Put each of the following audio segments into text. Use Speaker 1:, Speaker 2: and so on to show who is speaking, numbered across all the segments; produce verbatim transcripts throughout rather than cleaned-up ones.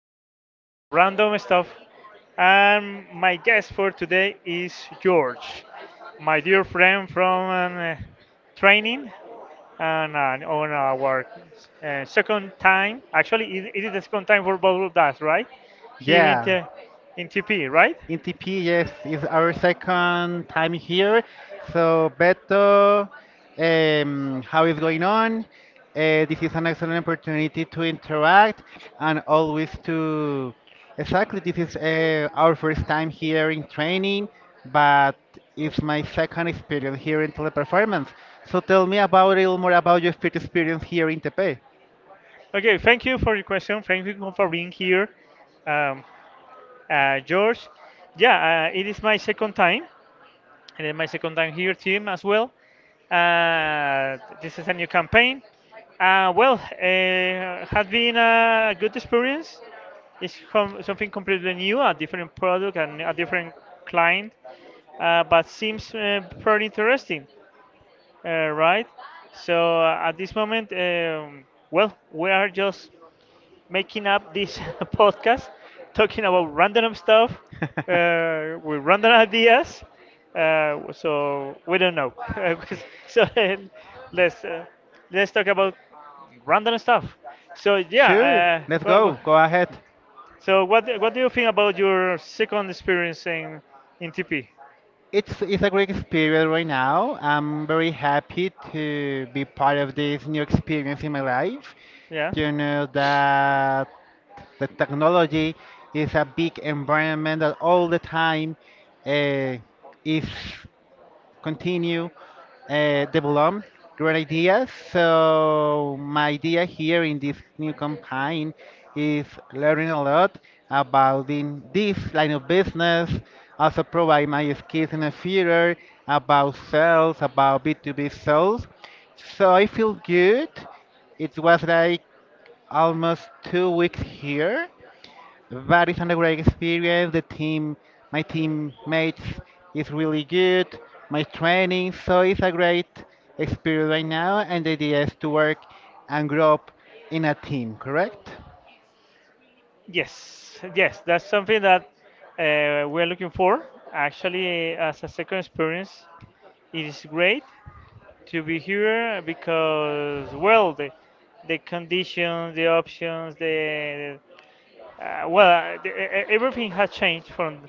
Speaker 1: podcast for random stuff. And my guest for today is George, my dear friend from um, uh, training and uh, on our uh, second time. Actually, it, it is the second time for both of us, right? Here in,
Speaker 2: Yeah,
Speaker 1: T- in T P, right?
Speaker 2: N T P, yes, is our second time here. So, Beto, um, how is going on? Uh, this is an excellent opportunity to interact and always to. Exactly, this is uh, our first time here in training, but it's my second experience here in teleperformance. So, tell me about a little more about your first experience here in Tepe.
Speaker 1: Okay, thank you for your question. Thank you for being here, um, uh, George. Yeah, uh, it is my second time and then my second time here team as well. Uh, this is a new campaign. Uh, well, uh, has been a good experience. It's com- something completely new, a different product and a different client, uh, but seems uh, pretty interesting, uh, right? So uh, at this moment, um, well, we are just making up this podcast, talking about random stuff uh, with random ideas. Uh, so we don't know. so then let's uh, let's talk about random stuff. So
Speaker 2: Sure,
Speaker 1: yeah. Uh,
Speaker 2: let's
Speaker 1: wha- wha-
Speaker 2: go. Go ahead.
Speaker 1: so what what do you think about your second experience in in T P?
Speaker 2: It's it's a great experience right now. I'm very happy to be part of this new experience in my life.
Speaker 1: Yeah.
Speaker 2: You know that the technology is a big environment that all the time uh, is continue uh, develop great ideas. So my idea here in this new campaign is learning a lot about in this line of business. Also provide my skills in the future about sales, about B two B sales. So I feel good. It was like almost two weeks here that is a great experience. The team, my teammates is really good. My training, so it's a great experience right now. And the idea is to work and grow up in a team, correct?
Speaker 1: Yes, yes, that's something that uh, we're looking for. Actually, as a second experience, it is great to be here because, well, the, the conditions, the options, the uh, well, uh, the, e- e, everything has changed from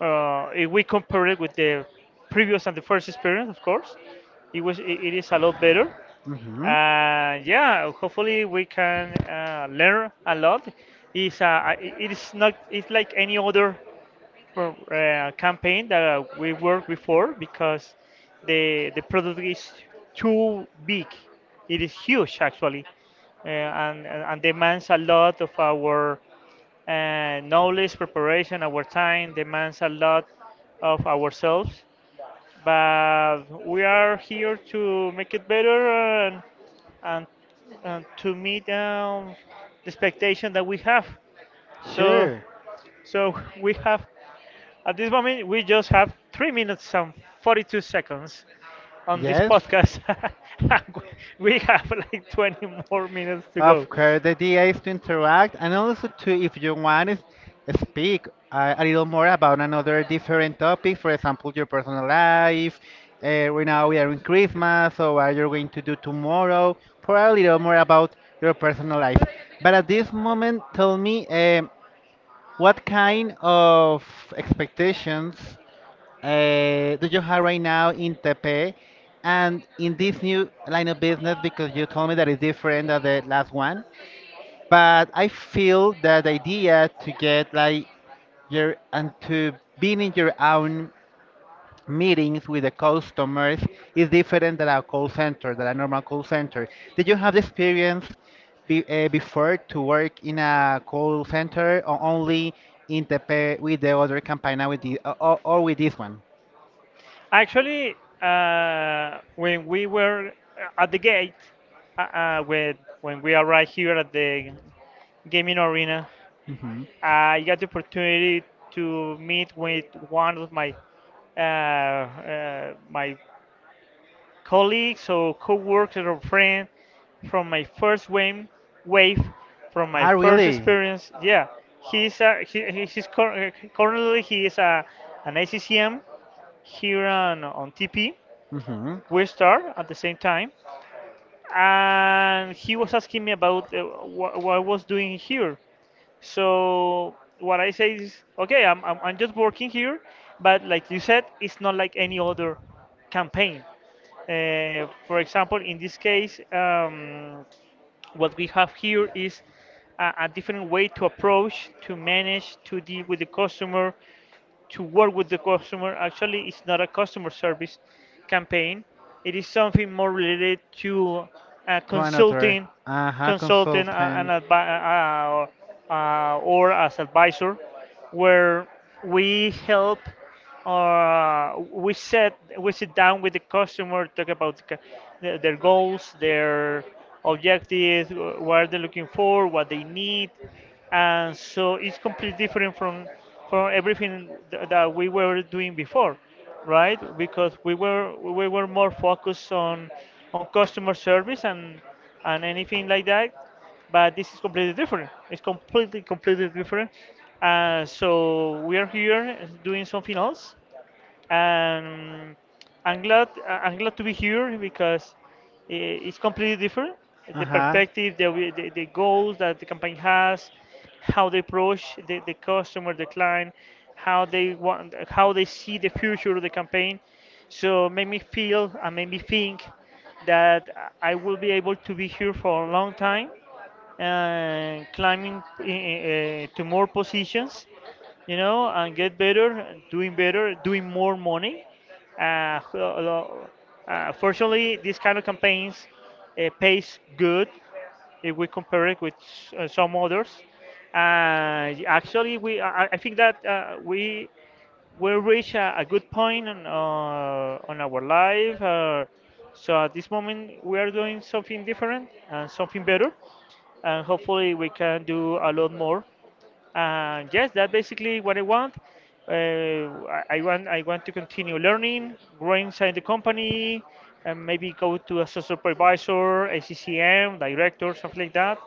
Speaker 1: uh, if we compare it with the previous and the first experience, of course, it was it, it is a lot better.
Speaker 2: Mm-hmm.
Speaker 1: Uh, yeah, hopefully we can uh, learn a lot. It's uh, it is not It's like any other pro- uh, campaign that we worked before because the the product is too big. It is huge actually, uh, and and and demands a lot of our uh, knowledge, preparation, our time. Demands a lot of ourselves. But we are here to make it better and and, and to meet um, the expectation that we have. So
Speaker 2: Sure.
Speaker 1: so we have, at this moment, we just have three minutes and forty-two seconds on this
Speaker 2: Yes.
Speaker 1: podcast. We have like twenty more minutes to go.
Speaker 2: Of course, the idea is to interact and also to, if you want, is speak uh, a little more about another different topic. For example, your personal life. Uh, right now we are in Christmas, so what you're going to do tomorrow. Probably a little more about your personal life. But at this moment, tell me um, what kind of expectations uh, do you have right now in Tepe and in this new line of business? Because you told me that it's different than the last one but I feel that idea to get like your and to being in your own meetings with the customers is different than a call center, than a normal call center. Did you have the experience be, uh, before to work in a call center or only in the pa- with the other company now with the or, or or with this one?
Speaker 1: Actually, uh, when we were at the gate, uh, uh, with, when we arrived here at the gaming arena,
Speaker 2: Hmm.
Speaker 1: I got the opportunity to meet with one of my uh, uh, my colleagues or co-workers or friends from my first wave, wave from my
Speaker 2: Ah,
Speaker 1: first
Speaker 2: really?
Speaker 1: experience. Yeah, he's a, he, he- he's cur- currently he is a an A C C M here on on T P.
Speaker 2: Hmm.
Speaker 1: We start at the same time, and he was asking me about uh, what, what I was doing here. So what I say is, okay, I'm, I'm I'm just working here, but like you said, it's not like any other campaign. Uh, for example, in this case, um, what we have here is a, a different way to approach, to manage, to deal with the customer, to work with the customer. Actually, it's not a customer service campaign. It is something more related to uh,
Speaker 2: To another.
Speaker 1: consulting,
Speaker 2: Uh-huh,
Speaker 1: consulting uh, an
Speaker 2: consultant.
Speaker 1: advi- uh, uh, uh, or as advisor, where we help uh, we set we sit down with the customer, talk about the, ca- the- their goals, their objectives, wh- what they're looking for, what they need, and so it's completely different from from everything th- that we were doing before, right? Because we were we were more focused on on customer service and and anything like that, but this is completely different. It's completely completely different. Uh, so we are here doing something else, and I'm glad I- am glad to be here because i- it's completely different. The
Speaker 2: Uh-huh.
Speaker 1: perspective, the, we- the, the goals that the company has, how they approach the, the customer, the client, how they want, how they see the future of the campaign. So made me feel and made me think that I will be able to be here for a long time and climbing eh, eh, to more positions, you know, and get better, doing better, doing more money. Uh, lo- uh, Fortunately, this kind of campaigns uh, pays good if we compare it with s- uh, some others. Uh, actually, we I, I I think that uh, we we reach a, a good point on, uh, on our life. Uh, so at this moment, we are doing something different and something better, and hopefully we can do a lot more. And yes, that's basically what I want. Uh, I, I want I want to continue learning, growing inside the company, and maybe go to a supervisor, A C C M director, something like that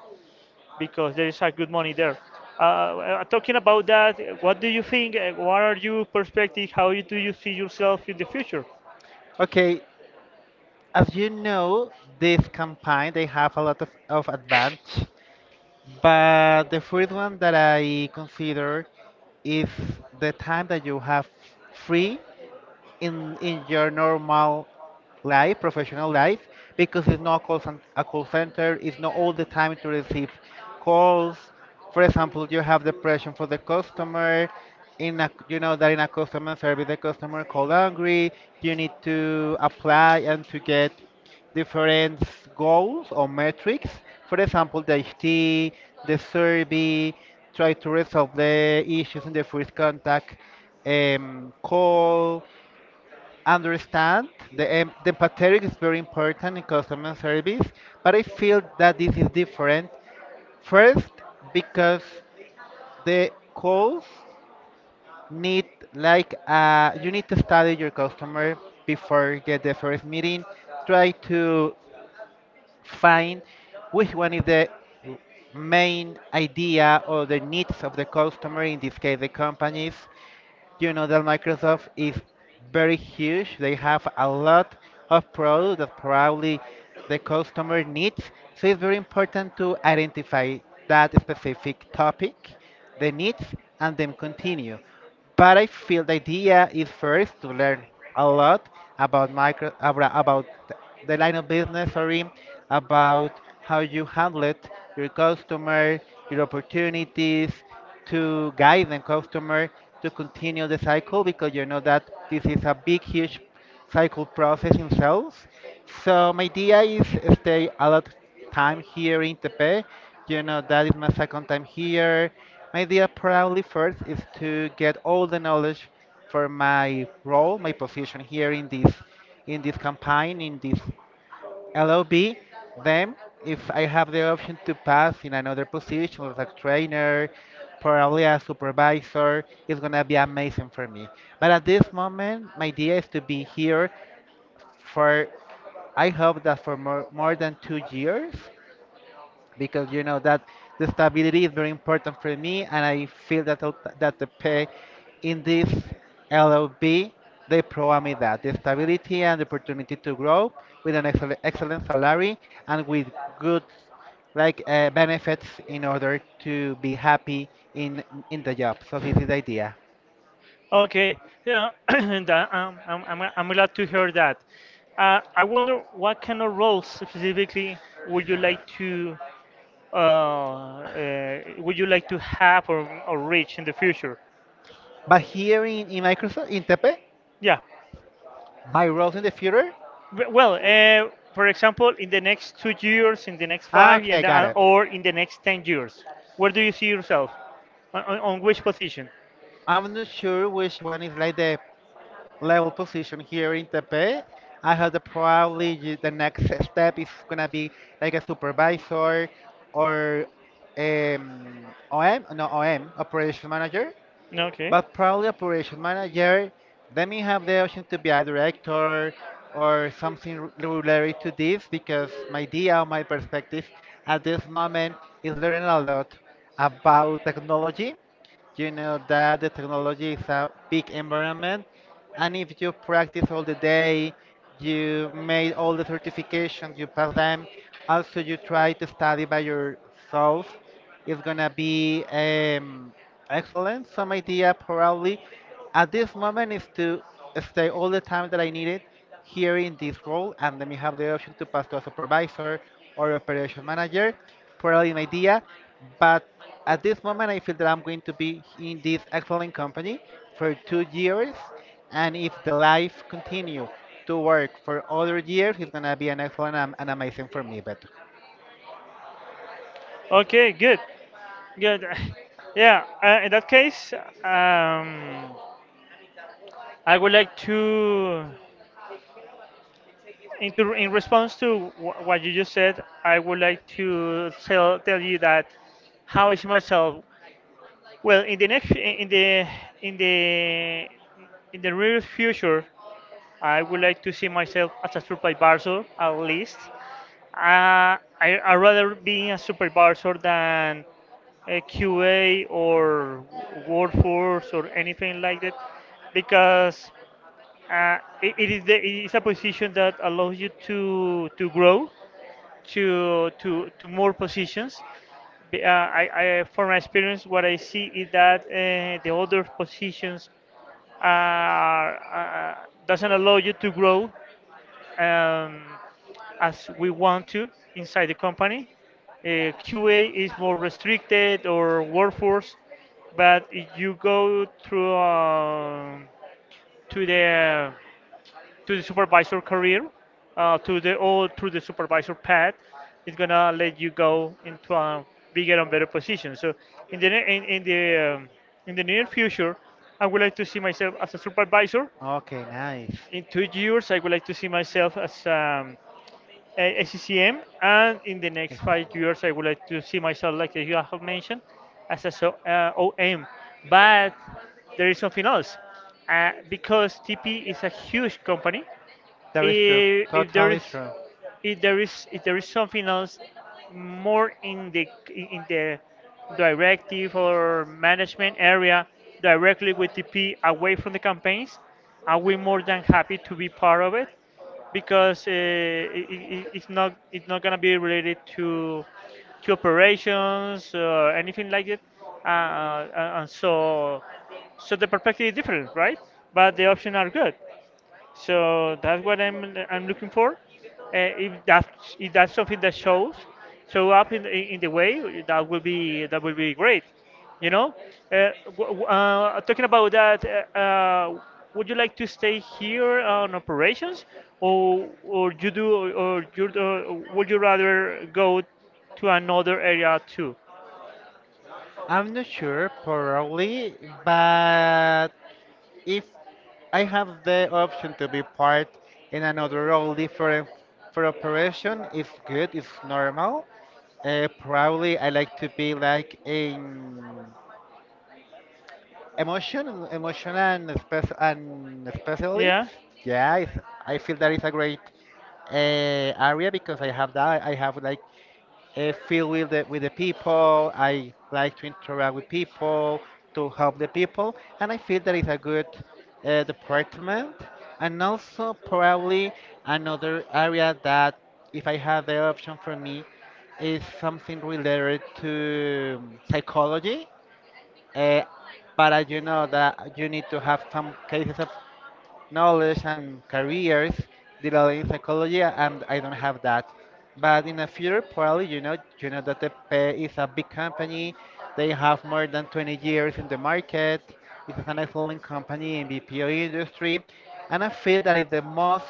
Speaker 1: because there is a good money there. Uh, uh, talking about that, uh, what do you think? uh, What are your perspective? How you- do you see yourself in the future?
Speaker 2: Okay, as you know, this campaign they have a lot of, of advantage, but the first one that I consider is the time that you have free in in your normal life, professional life, because it's not a call, cen- a call center, it's not all the time to receive calls. For example, you have the pressure for the customer. In a, you know that in a customer service, the customer call angry. You need to apply and to get different goals or metrics. For example, the H T, the survey, try to resolve the issues in the first contact um, call understand the, em- the empathetic is very important in customer service, but I feel that this is different. First, because the calls need like uh, you need to study your customer before you get the first meeting. Try to find which one is the main idea or the needs of the customer, in this case, the companies. You know that Microsoft is very huge. They have a lot of products that probably the customer needs. So it's very important to identify that specific topic, the needs, and then continue but I feel the idea is first to learn a lot about micro abra- about th- the line of business, sorry, about how you handle it, your customer, your opportunities, to guide the customer to continue the cycle because you know that this is a big, huge cycle process in sales. So my idea is stay a lot time here in Tepe. You know, that is my second time here. My idea probably first is to get all the knowledge for my role, my position here in this in this campaign, in this L O B. Then, if I have the option to pass in another position as a trainer, probably a supervisor, it's gonna be amazing for me. But at this moment, my idea is to be here for I hope that for more, more than two years because you know that the stability is very important for me, and I feel that the- that the pay in this L O B they provide me that the stability and the opportunity to grow with an excellent, excellent salary and with good like uh, benefits in order to be happy in in the job. So this is the idea.
Speaker 1: Okay, yeah, and, uh, um, I'm, I'm, I'm glad to hear that. Uh, I wonder what kind of roles specifically would you like to uh, uh, would you like to have or, or reach in the future?
Speaker 2: But here in, in Microsoft, in Tepe,
Speaker 1: Yeah.
Speaker 2: my roles in the future.
Speaker 1: W- Well, uh, for example, in the next two years, in the next
Speaker 2: Ah,
Speaker 1: five,
Speaker 2: okay,
Speaker 1: and
Speaker 2: got
Speaker 1: uh,
Speaker 2: it.
Speaker 1: or in the next ten years, where do you see yourself? On, on on which position?
Speaker 2: I'm not sure which one is like the level position here in Tepe. I have the probably y- the next step is gonna be like a supervisor or um, O M, no O M, operation manager.
Speaker 1: Okay.
Speaker 2: But probably operation manager. Then you have the option to be a director or something r- related to this because my idea, my perspective at this moment is learning a lot about technology. You know that the technology is a big environment and if you practice all the day you made all the certifications you pass them also you try to study by yourself it's gonna be um, excellent. Some idea probably at this moment is to stay all the time that I needed here in this role, and then you have the option to pass to a supervisor or operation manager for an idea. But at this moment, I feel that I'm going to be in this excellent company for two years, and if the life continue to work for other years, it's gonna be an excellent and and amazing for me. But
Speaker 1: Okay. Good. Good. Yeah. Uh, in that case, um, I would like to, in, to, in response to wh- what you just said, I would like to tell tell you that how is myself? Well, in the next, in the in the in the real future, I would like to see myself as a supervisor at least. Uh, I, I'd rather be a supervisor than a Q A or workforce or anything like that because uh, it, it is the, it is a position that allows you to to grow to to to more positions. Be- Uh, I, I From my experience, what I see is that uh, the other positions are, uh, doesn't allow you to grow um, as we want to inside the company. Uh, Q A is more restricted or workforce, but if you go through uh, to the to the supervisor career, uh, to the or through the supervisor path, it's gonna let you go into a bigger and better position. So in the ne- in, in the um, in the near future, I would like to see myself as a supervisor
Speaker 2: okay, nice.
Speaker 1: in two years. I would like to see myself as um, uh, S C C M, and in the next
Speaker 2: Yes.
Speaker 1: five years, I would like to see myself, like you have mentioned, as a so, uh, O M. But there is something else, uh, because T P is a huge company.
Speaker 2: That is true.
Speaker 1: If, if there
Speaker 2: Totally
Speaker 1: is
Speaker 2: true.
Speaker 1: if there is if there is something else more in the in the directive or management area directly with T P away from the campaigns, are we more than happy to be part of it? Because uh, it, it's not, it's not gonna be related to to operations or anything like that, uh, uh, and so so the perspective is different, right? But the options are good. So that's what I'm I'm looking for. Uh, if that's if that's something that shows show up in in in the way, that will be that will be great. You know, uh, w- w- uh, talking about that, uh, uh, would you like to stay here on operations, or or you do or, you uh, would you rather go to another area too?
Speaker 2: I'm not sure, probably, but if I have the option to be part in another role different for operation, if good, if normal, uh, probably I like to be like in emotion, emotion and, spec- and specialist.
Speaker 1: Yeah.
Speaker 2: Yeah, it's, I feel that is a great uh, area because I have that. I have like uh, feel with the with the people. I like to interact with people, to help the people, and I feel that it's a good uh, department. And also probably another area that, if I have the option for me, is something related to um, psychology. Uh, but I do know that you need to have some cases of knowledge and careers dealing in psychology and I don't have that. But in the future probably you know you know that the pay is a big company. They have more than twenty years in the market. It's an excellent company in B P O industry. And I feel that it's the most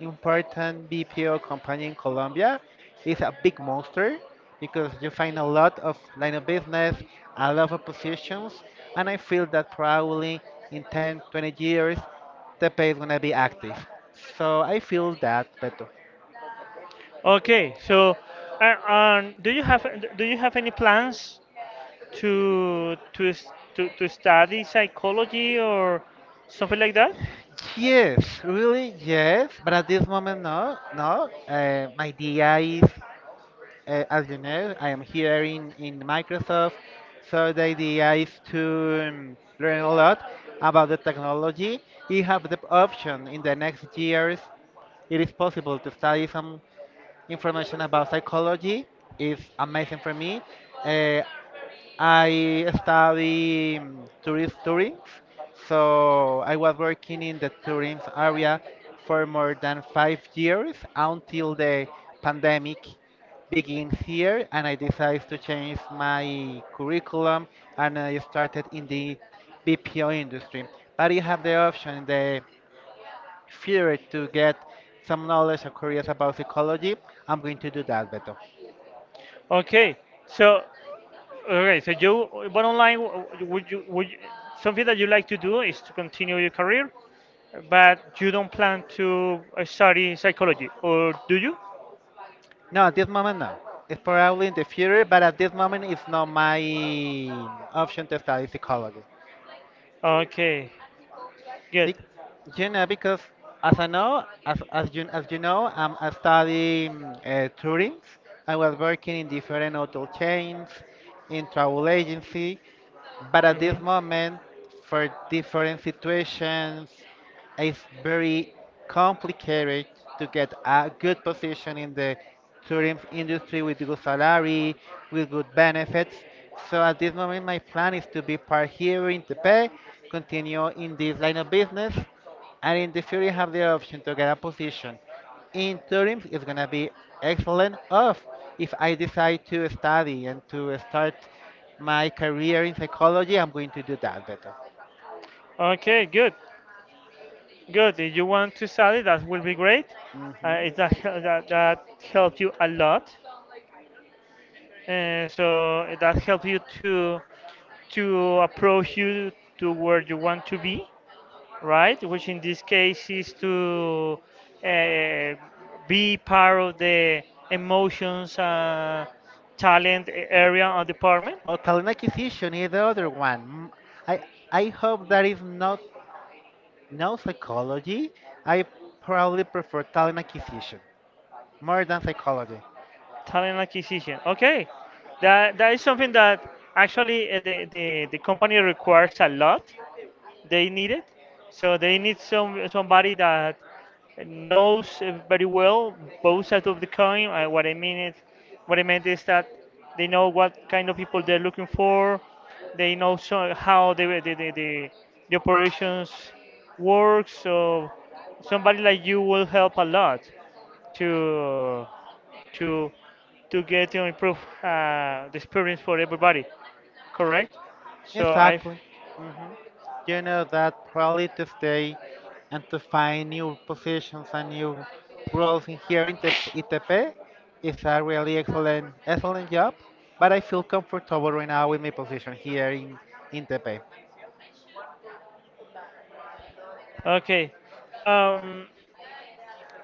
Speaker 2: important B P O company in Colombia. It's a big monster because you find a lot of line of business, a lot of positions, and I feel that probably in ten, twenty years the pay is gonna be active. So I feel that better.
Speaker 1: Okay. So, uh, um, do you have do you have any plans to to s- to, to study psychology or something like that?
Speaker 2: Yes, really, yes. But at this moment, no, no. Uh, my D I is, uh, as you know, I am here in, in Microsoft. So the idea is to um, learn a lot about the technology. You have the option in the next years. It is possible to study some information about psychology. It's amazing for me. Uh, I study mm, tourist touring, so I was working in the tourism area for more than five years until the pandemic begins here, and I decided to change my curriculum and I started in the B P O industry. But you have the option in the future to get some knowledge or careers about psychology. I'm going to do that, Beto.
Speaker 1: Okay, so okay, so you but online would you would you, something that you like to do is to continue your career, but you don't plan to uh, study psychology, or do you?
Speaker 2: No, at this moment, no. It's probably in the future, but at this moment, it's not my option to study psychology.
Speaker 1: Okay, good.
Speaker 2: Be- you know, because as I know, as, as you as you know, um, I study mm, uh, tourism. I was working in different hotel chains, in travel agency, but at this
Speaker 1: Hmm.
Speaker 2: moment, for different situations, it's very complicated to get a good position in the tourism industry with good salary, with good benefits. So at this moment, my plan is to be part here in Tepe, continue in this line of business, and in the future have the option to get a position in tourism. It's gonna be excellent. Of if I decide to study and to start my career in psychology, I'm going to do that better.
Speaker 1: Okay, good, good. If you want to study, that will be great. Uh, it, that
Speaker 2: Hmm.
Speaker 1: that that helped you a lot. And so that helps you to to approach you to where you want to be, right? Which in this case is to uh, be part of the emotions, uh, talent area or department,
Speaker 2: Oh, telecommunication is the other one. Mm, I I hope that is not no psychology. I probably prefer talent acquisition more than psychology.
Speaker 1: talent acquisition. Okay, that that is something that actually uh, the, the the company requires a lot. They need it. So they need some somebody that knows uh, very well both sides of the coin. Uh, what I mean is, what I meant is that they know what kind of people they're looking for. They know so how the the, the, the the operations work. So somebody like you will help a lot to to to get to improve uh, the experience for everybody, correct? So I
Speaker 2: Exactly. You know that probably to stay and to find new positions and new roles in here in the I T P is a really excellent excellent job. But I feel comfortable right now with my position here in in I T P.
Speaker 1: Okay. Um,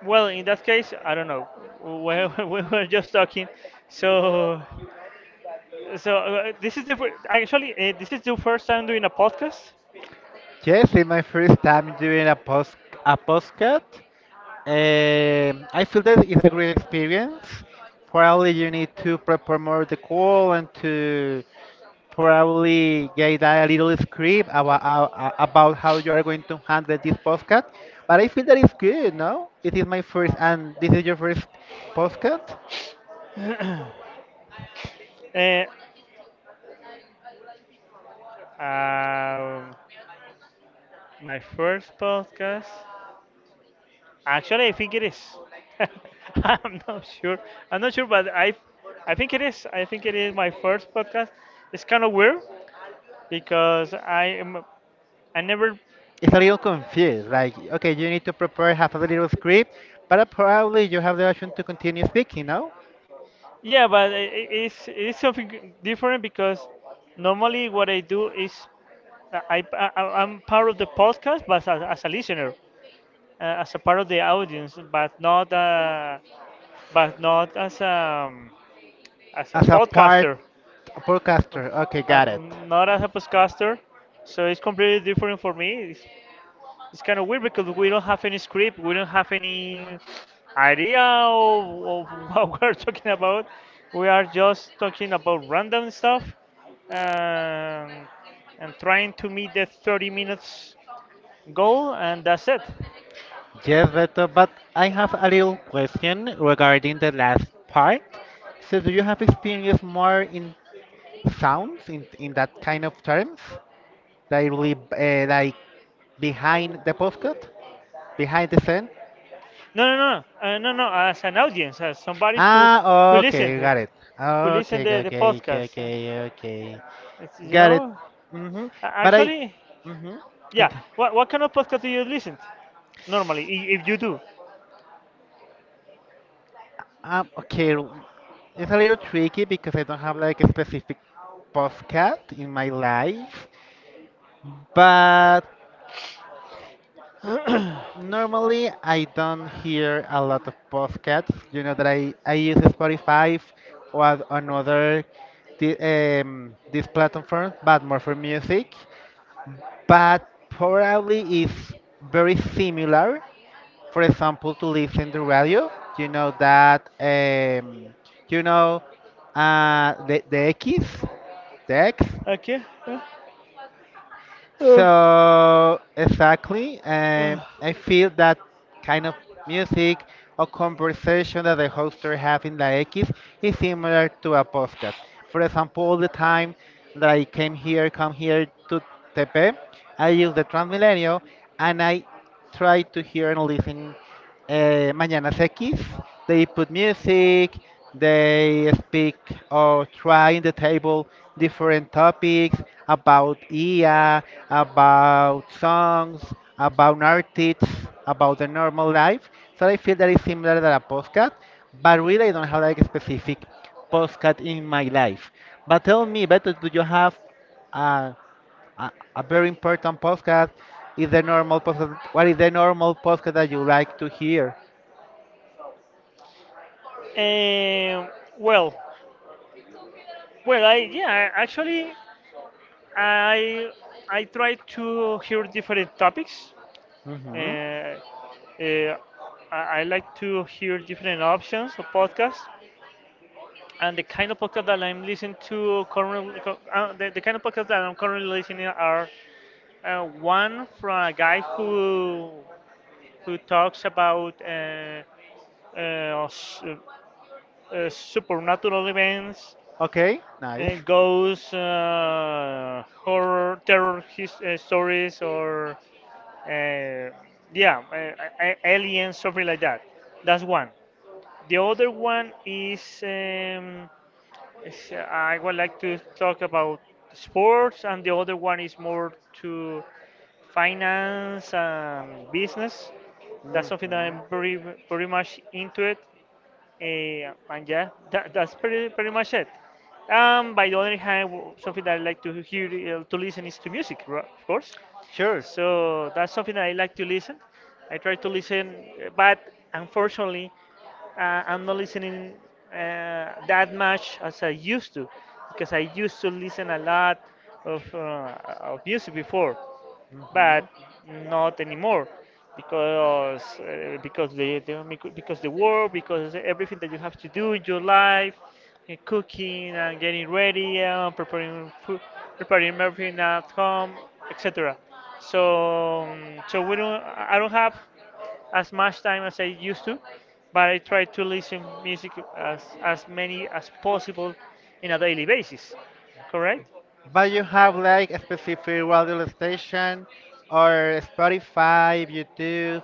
Speaker 1: well, in that case, I don't know. We, we were just talking, so so uh, this is the fir- actually uh, this is the first time doing a podcast.
Speaker 2: Yes, it's my first time doing a post a postcard. Um, I feel that it's a great experience. Probably you need to prepare more the call and to probably get a little script about, about how you are going to handle this postcard. But I feel that it's good, no? It is my first, and this is your first postcard.
Speaker 1: uh, um, my first podcast. Actually, I think it is. I'm not sure. I'm not sure, but I I think it is. I think it is my first podcast. It's kind of weird because I am I never
Speaker 2: It's a little confused. Like, okay, you need to prepare half a little script, but probably you have the option to continue speaking, no?
Speaker 1: Yeah, but i- i- it's it's something g- different because normally what I do is I, I I- I'm part of the podcast, but as, as a listener, uh, as a part of the audience, but not uh, but not as um as a
Speaker 2: As a part
Speaker 1: podcaster,
Speaker 2: a podcaster. Okay,
Speaker 1: uh,
Speaker 2: got it.
Speaker 1: not as a podcaster. So it's completely different for me. It's kind of weird because we don't have any script, we don't have any idea of, of what we're talking about. We are just talking about random stuff um, and trying to meet the thirty minutes goal, and that's it.
Speaker 2: Yes, Beto, but I have a little question regarding the last part. So do you have experience more in sounds in in that kind of terms? Like really, uh, like behind the postcode? Behind the scene?
Speaker 1: No, no, no, uh, no, no. As an audience, as somebody who who
Speaker 2: Ah,
Speaker 1: listened,
Speaker 2: okay,
Speaker 1: uh,
Speaker 2: got it.
Speaker 1: who
Speaker 2: Okay,
Speaker 1: listened the
Speaker 2: okay,
Speaker 1: the
Speaker 2: okay, okay,
Speaker 1: podcast. Uh,
Speaker 2: okay, okay.
Speaker 1: It's, you
Speaker 2: Got it.
Speaker 1: know,
Speaker 2: Mm-hmm.
Speaker 1: A-
Speaker 2: But I
Speaker 1: actually,
Speaker 2: mm-hmm.
Speaker 1: yeah. What what kind of podcast do you listen to? Normally, i- if you do.
Speaker 2: Um, okay, r- it's a little tricky because I don't have like a specific podcast in my life, but normally I don't hear a lot of podcasts. You know that I, I use Spotify or another di- um, this platform, but more for music. But probably is very similar, for example, to listen to radio. You know that, um, you know, uh, the, the X, the X.
Speaker 1: Okay. Uh,
Speaker 2: So exactly, um,
Speaker 1: uh,
Speaker 2: I feel that kind of music or conversation that the host are having the X is similar to a podcast. For example, all the time that I came here, come here to Tepe, I use the Transmilenio and I try to hear and listen uh, Mañanas X. They put music, they speak or try in the table different topics about I A, about songs, about artists, about the normal life. So I feel that it's similar to a podcast, but really I don't have like a specific podcast in my life. But tell me, better, do you have a, a, a very important podcast? Is the normal podcast? What is the normal podcast that you like to hear?
Speaker 1: Um, well, well, I yeah, actually, I I try to hear different topics. Uh,
Speaker 2: Hmm.
Speaker 1: uh, I, I like to hear different options of podcasts, and the kind of podcast that I'm listening to currently, co- uh, the, the kind of podcast that I'm currently listening are uh, one from a guy who who talks about uh, uh, s- uh, supernatural events
Speaker 2: Okay, nice.
Speaker 1: and ghost, uh, horror, terror, his, uh, stories, or uh, yeah uh, uh, aliens, something like that. That's one. The other one is, um, is uh, I would like to talk about sports, and the other one is more to finance and business. That's something
Speaker 2: Hmm.
Speaker 1: that I'm very, pretty much into it. Eh, and yeah, that, that's pretty pretty much it. Um, by the other hand, w- something that I like to hear, uh, to listen, is to music, ro- of course.
Speaker 2: Sure.
Speaker 1: So that's something that I like to listen. I try to listen, uh, but unfortunately, uh, I'm not listening uh, that much as I used to, because I used to listen a lot of, uh, of music before,
Speaker 2: Hmm.
Speaker 1: but not anymore, because uh, because the, the micro- because the work, because everything that you have to do in your life, uh, cooking and getting ready and preparing food, preparing everything at home, etc. So um, so we don't I don't have as much time as I used to, but I try to listen music as as many as possible in a daily basis, correct.
Speaker 2: But you have like a specific radio station or Spotify, YouTube.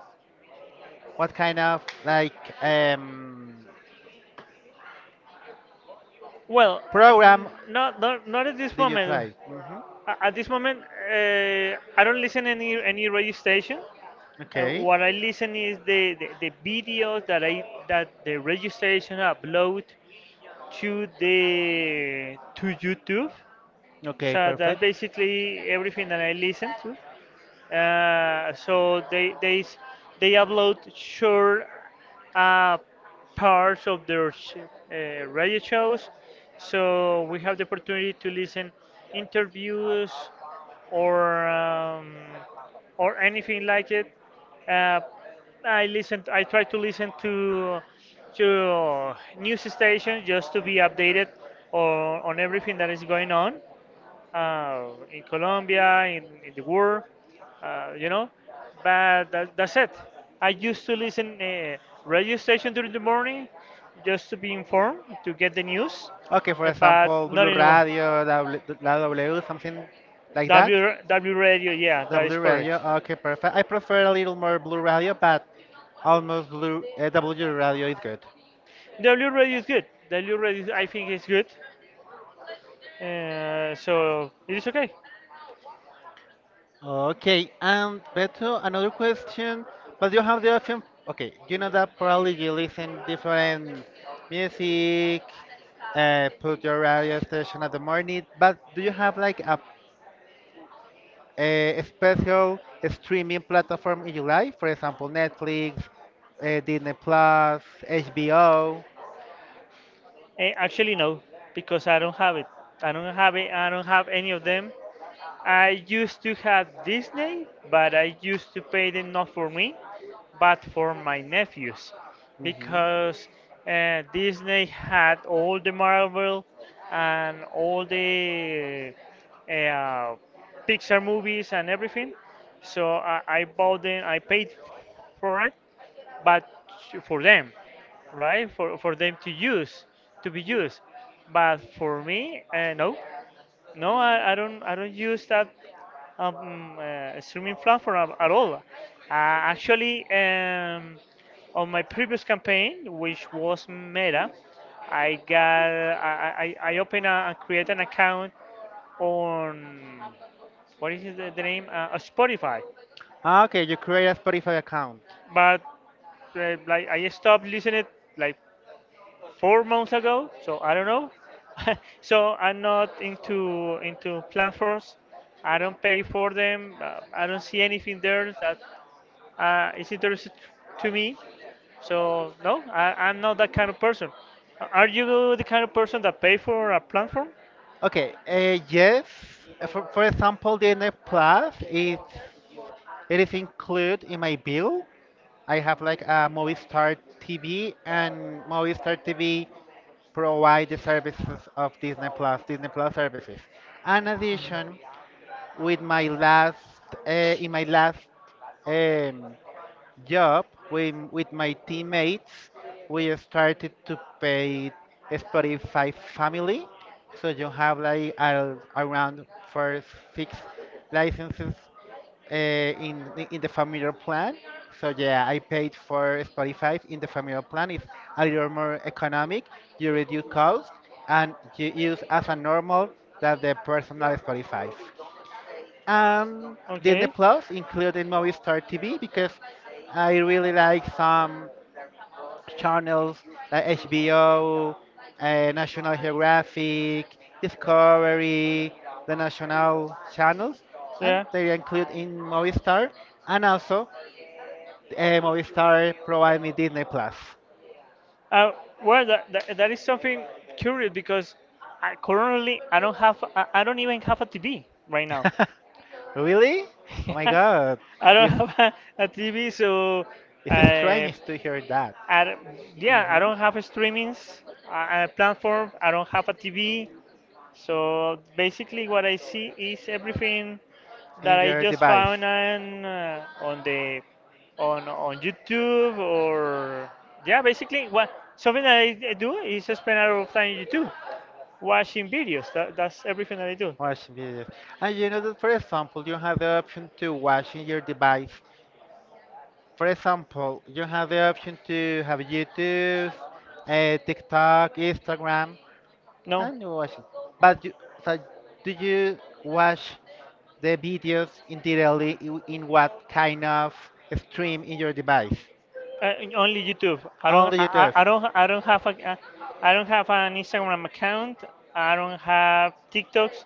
Speaker 2: What kind of like um,
Speaker 1: Well, n-
Speaker 2: program
Speaker 1: not not, not at this
Speaker 2: did you
Speaker 1: moment.
Speaker 2: try? Hmm.
Speaker 1: A- At this moment, uh, I don't listen any any radio station. Uh,
Speaker 2: Okay.
Speaker 1: what I listen is the, the, the videos that I that the radio station upload to the to YouTube.
Speaker 2: Okay,
Speaker 1: So that's
Speaker 2: perfect.
Speaker 1: basically everything that I listen to. Uh, so they they s- they upload short uh, parts of their sh- uh, radio shows. So we have the opportunity to listen interviews or um, or anything like it. Uh, I listen. I try to listen to to news stations just to be updated on, on everything that is going on uh, in Colombia, in, in the world, uh, you know. But that, that's it. I used to listen uh, radio station during the morning just to be informed, to get the news,
Speaker 2: Okay, for
Speaker 1: uh, but
Speaker 2: example,
Speaker 1: not
Speaker 2: Blue
Speaker 1: anymore.
Speaker 2: Radio, W- La W, something like that.
Speaker 1: W, ra- W radio, yeah,
Speaker 2: The
Speaker 1: that is
Speaker 2: blue radio.
Speaker 1: correct.
Speaker 2: Okay, perfect. I prefer a little more blue radio, but almost blue, uh, W radio is good.
Speaker 1: W radio is good. W radio, is- I think is good. Uh, so it is okay.
Speaker 2: Okay, and Beto, another question. But you have the option. Okay, you know that probably you listen different music. Uh, put your radio station at the morning. But do you have like a, a special streaming platform in your life? For example, Netflix, uh, Disney Plus, H B O.
Speaker 1: Eh, actually, no, because I don't have it. I don't have it. I don't have any of them. I used to have Disney, but I used to pay them not for me, but for my nephews,
Speaker 2: Hmm.
Speaker 1: because uh, Disney had all the Marvel and all the uh, Pixar movies and everything. So I, I bought them. I paid for it, but for them, right? For for them to use, to be used. But for me, uh, no, no, I, I don't I don't use that um, uh, streaming platform at, at all. Uh, actually, um, on my previous campaign, which was Meta, I got I I, I opened a, and created an account on, what is it, the, the name, uh, uh, Spotify,
Speaker 2: Ah, okay, you create a Spotify account.
Speaker 1: but uh, like I stopped listening like four months ago, so I don't know. So I'm not into into platforms. I don't pay for them. Uh, I don't see anything there that uh, is interesting to me. So no, I, I'm not that kind of person. A- Are you the kind of person that pay for a platform?
Speaker 2: Okay, uh, yes. Uh, For, for example, D N F Plus is it is included in my bill. I have like a Movistar T V, and Movistar T V provide the services of Disney Plus, Disney Plus services. In addition, with my last uh, in my last um, job with, with my teammates, we started to pay Spotify Family. So you have like uh, around for six licenses uh, in the- in the familiar plan. So yeah, I paid for Spotify in the familiar plan. It's a little more economic. You reduce cost and you use as a normal that the personal Spotify. Um, Disney
Speaker 1: Okay,
Speaker 2: Plus, including Movistar T V, because I really like some channels like H B O, uh, National Geographic, Discovery, the national channels,
Speaker 1: so
Speaker 2: and
Speaker 1: yeah.
Speaker 2: they include in Movistar, and also uh, Movistar provide me Disney Plus.
Speaker 1: Uh, well, that, that, that is something curious because I, currently I don't have I, I don't even have a T V right now.
Speaker 2: Really? Oh my God,
Speaker 1: I don't
Speaker 2: it's
Speaker 1: have a, T V, so
Speaker 2: it's
Speaker 1: I,
Speaker 2: strange to hear that.
Speaker 1: I d- yeah, I
Speaker 2: Mhm.
Speaker 1: don't have streamings, a streamings uh, platform. I don't have a T V, so basically what I see is everything
Speaker 2: In
Speaker 1: that I
Speaker 2: your
Speaker 1: just
Speaker 2: device.
Speaker 1: found on uh, on the on on YouTube, or yeah, basically what, something that I do is spend a lot of time on YouTube watching videos. That, that's everything that I do.
Speaker 2: Watching videos. And you know that, for example, you have the option to watch in your device. For example, you have the option to have YouTube, uh, TikTok, Instagram,
Speaker 1: No,
Speaker 2: and you watch it. But you, so do you watch the videos in daily in in what kind of stream in your device?
Speaker 1: Uh, only YouTube. I don't.
Speaker 2: Only
Speaker 1: I,
Speaker 2: YouTube.
Speaker 1: I I don't. I don't have a. I don't have an Instagram account. I don't have TikToks,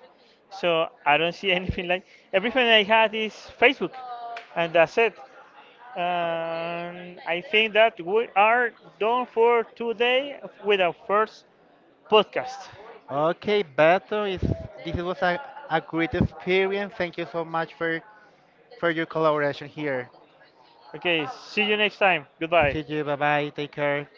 Speaker 1: so I don't see anything like. Everything I had is Facebook, and that's it. And I think that we are done for today with our first podcast.
Speaker 2: Okay, Beto, is this was a, a great experience. Thank you so much for for your collaboration here.
Speaker 1: Okay. See you next time. Goodbye.
Speaker 2: See you. Bye bye. Take care.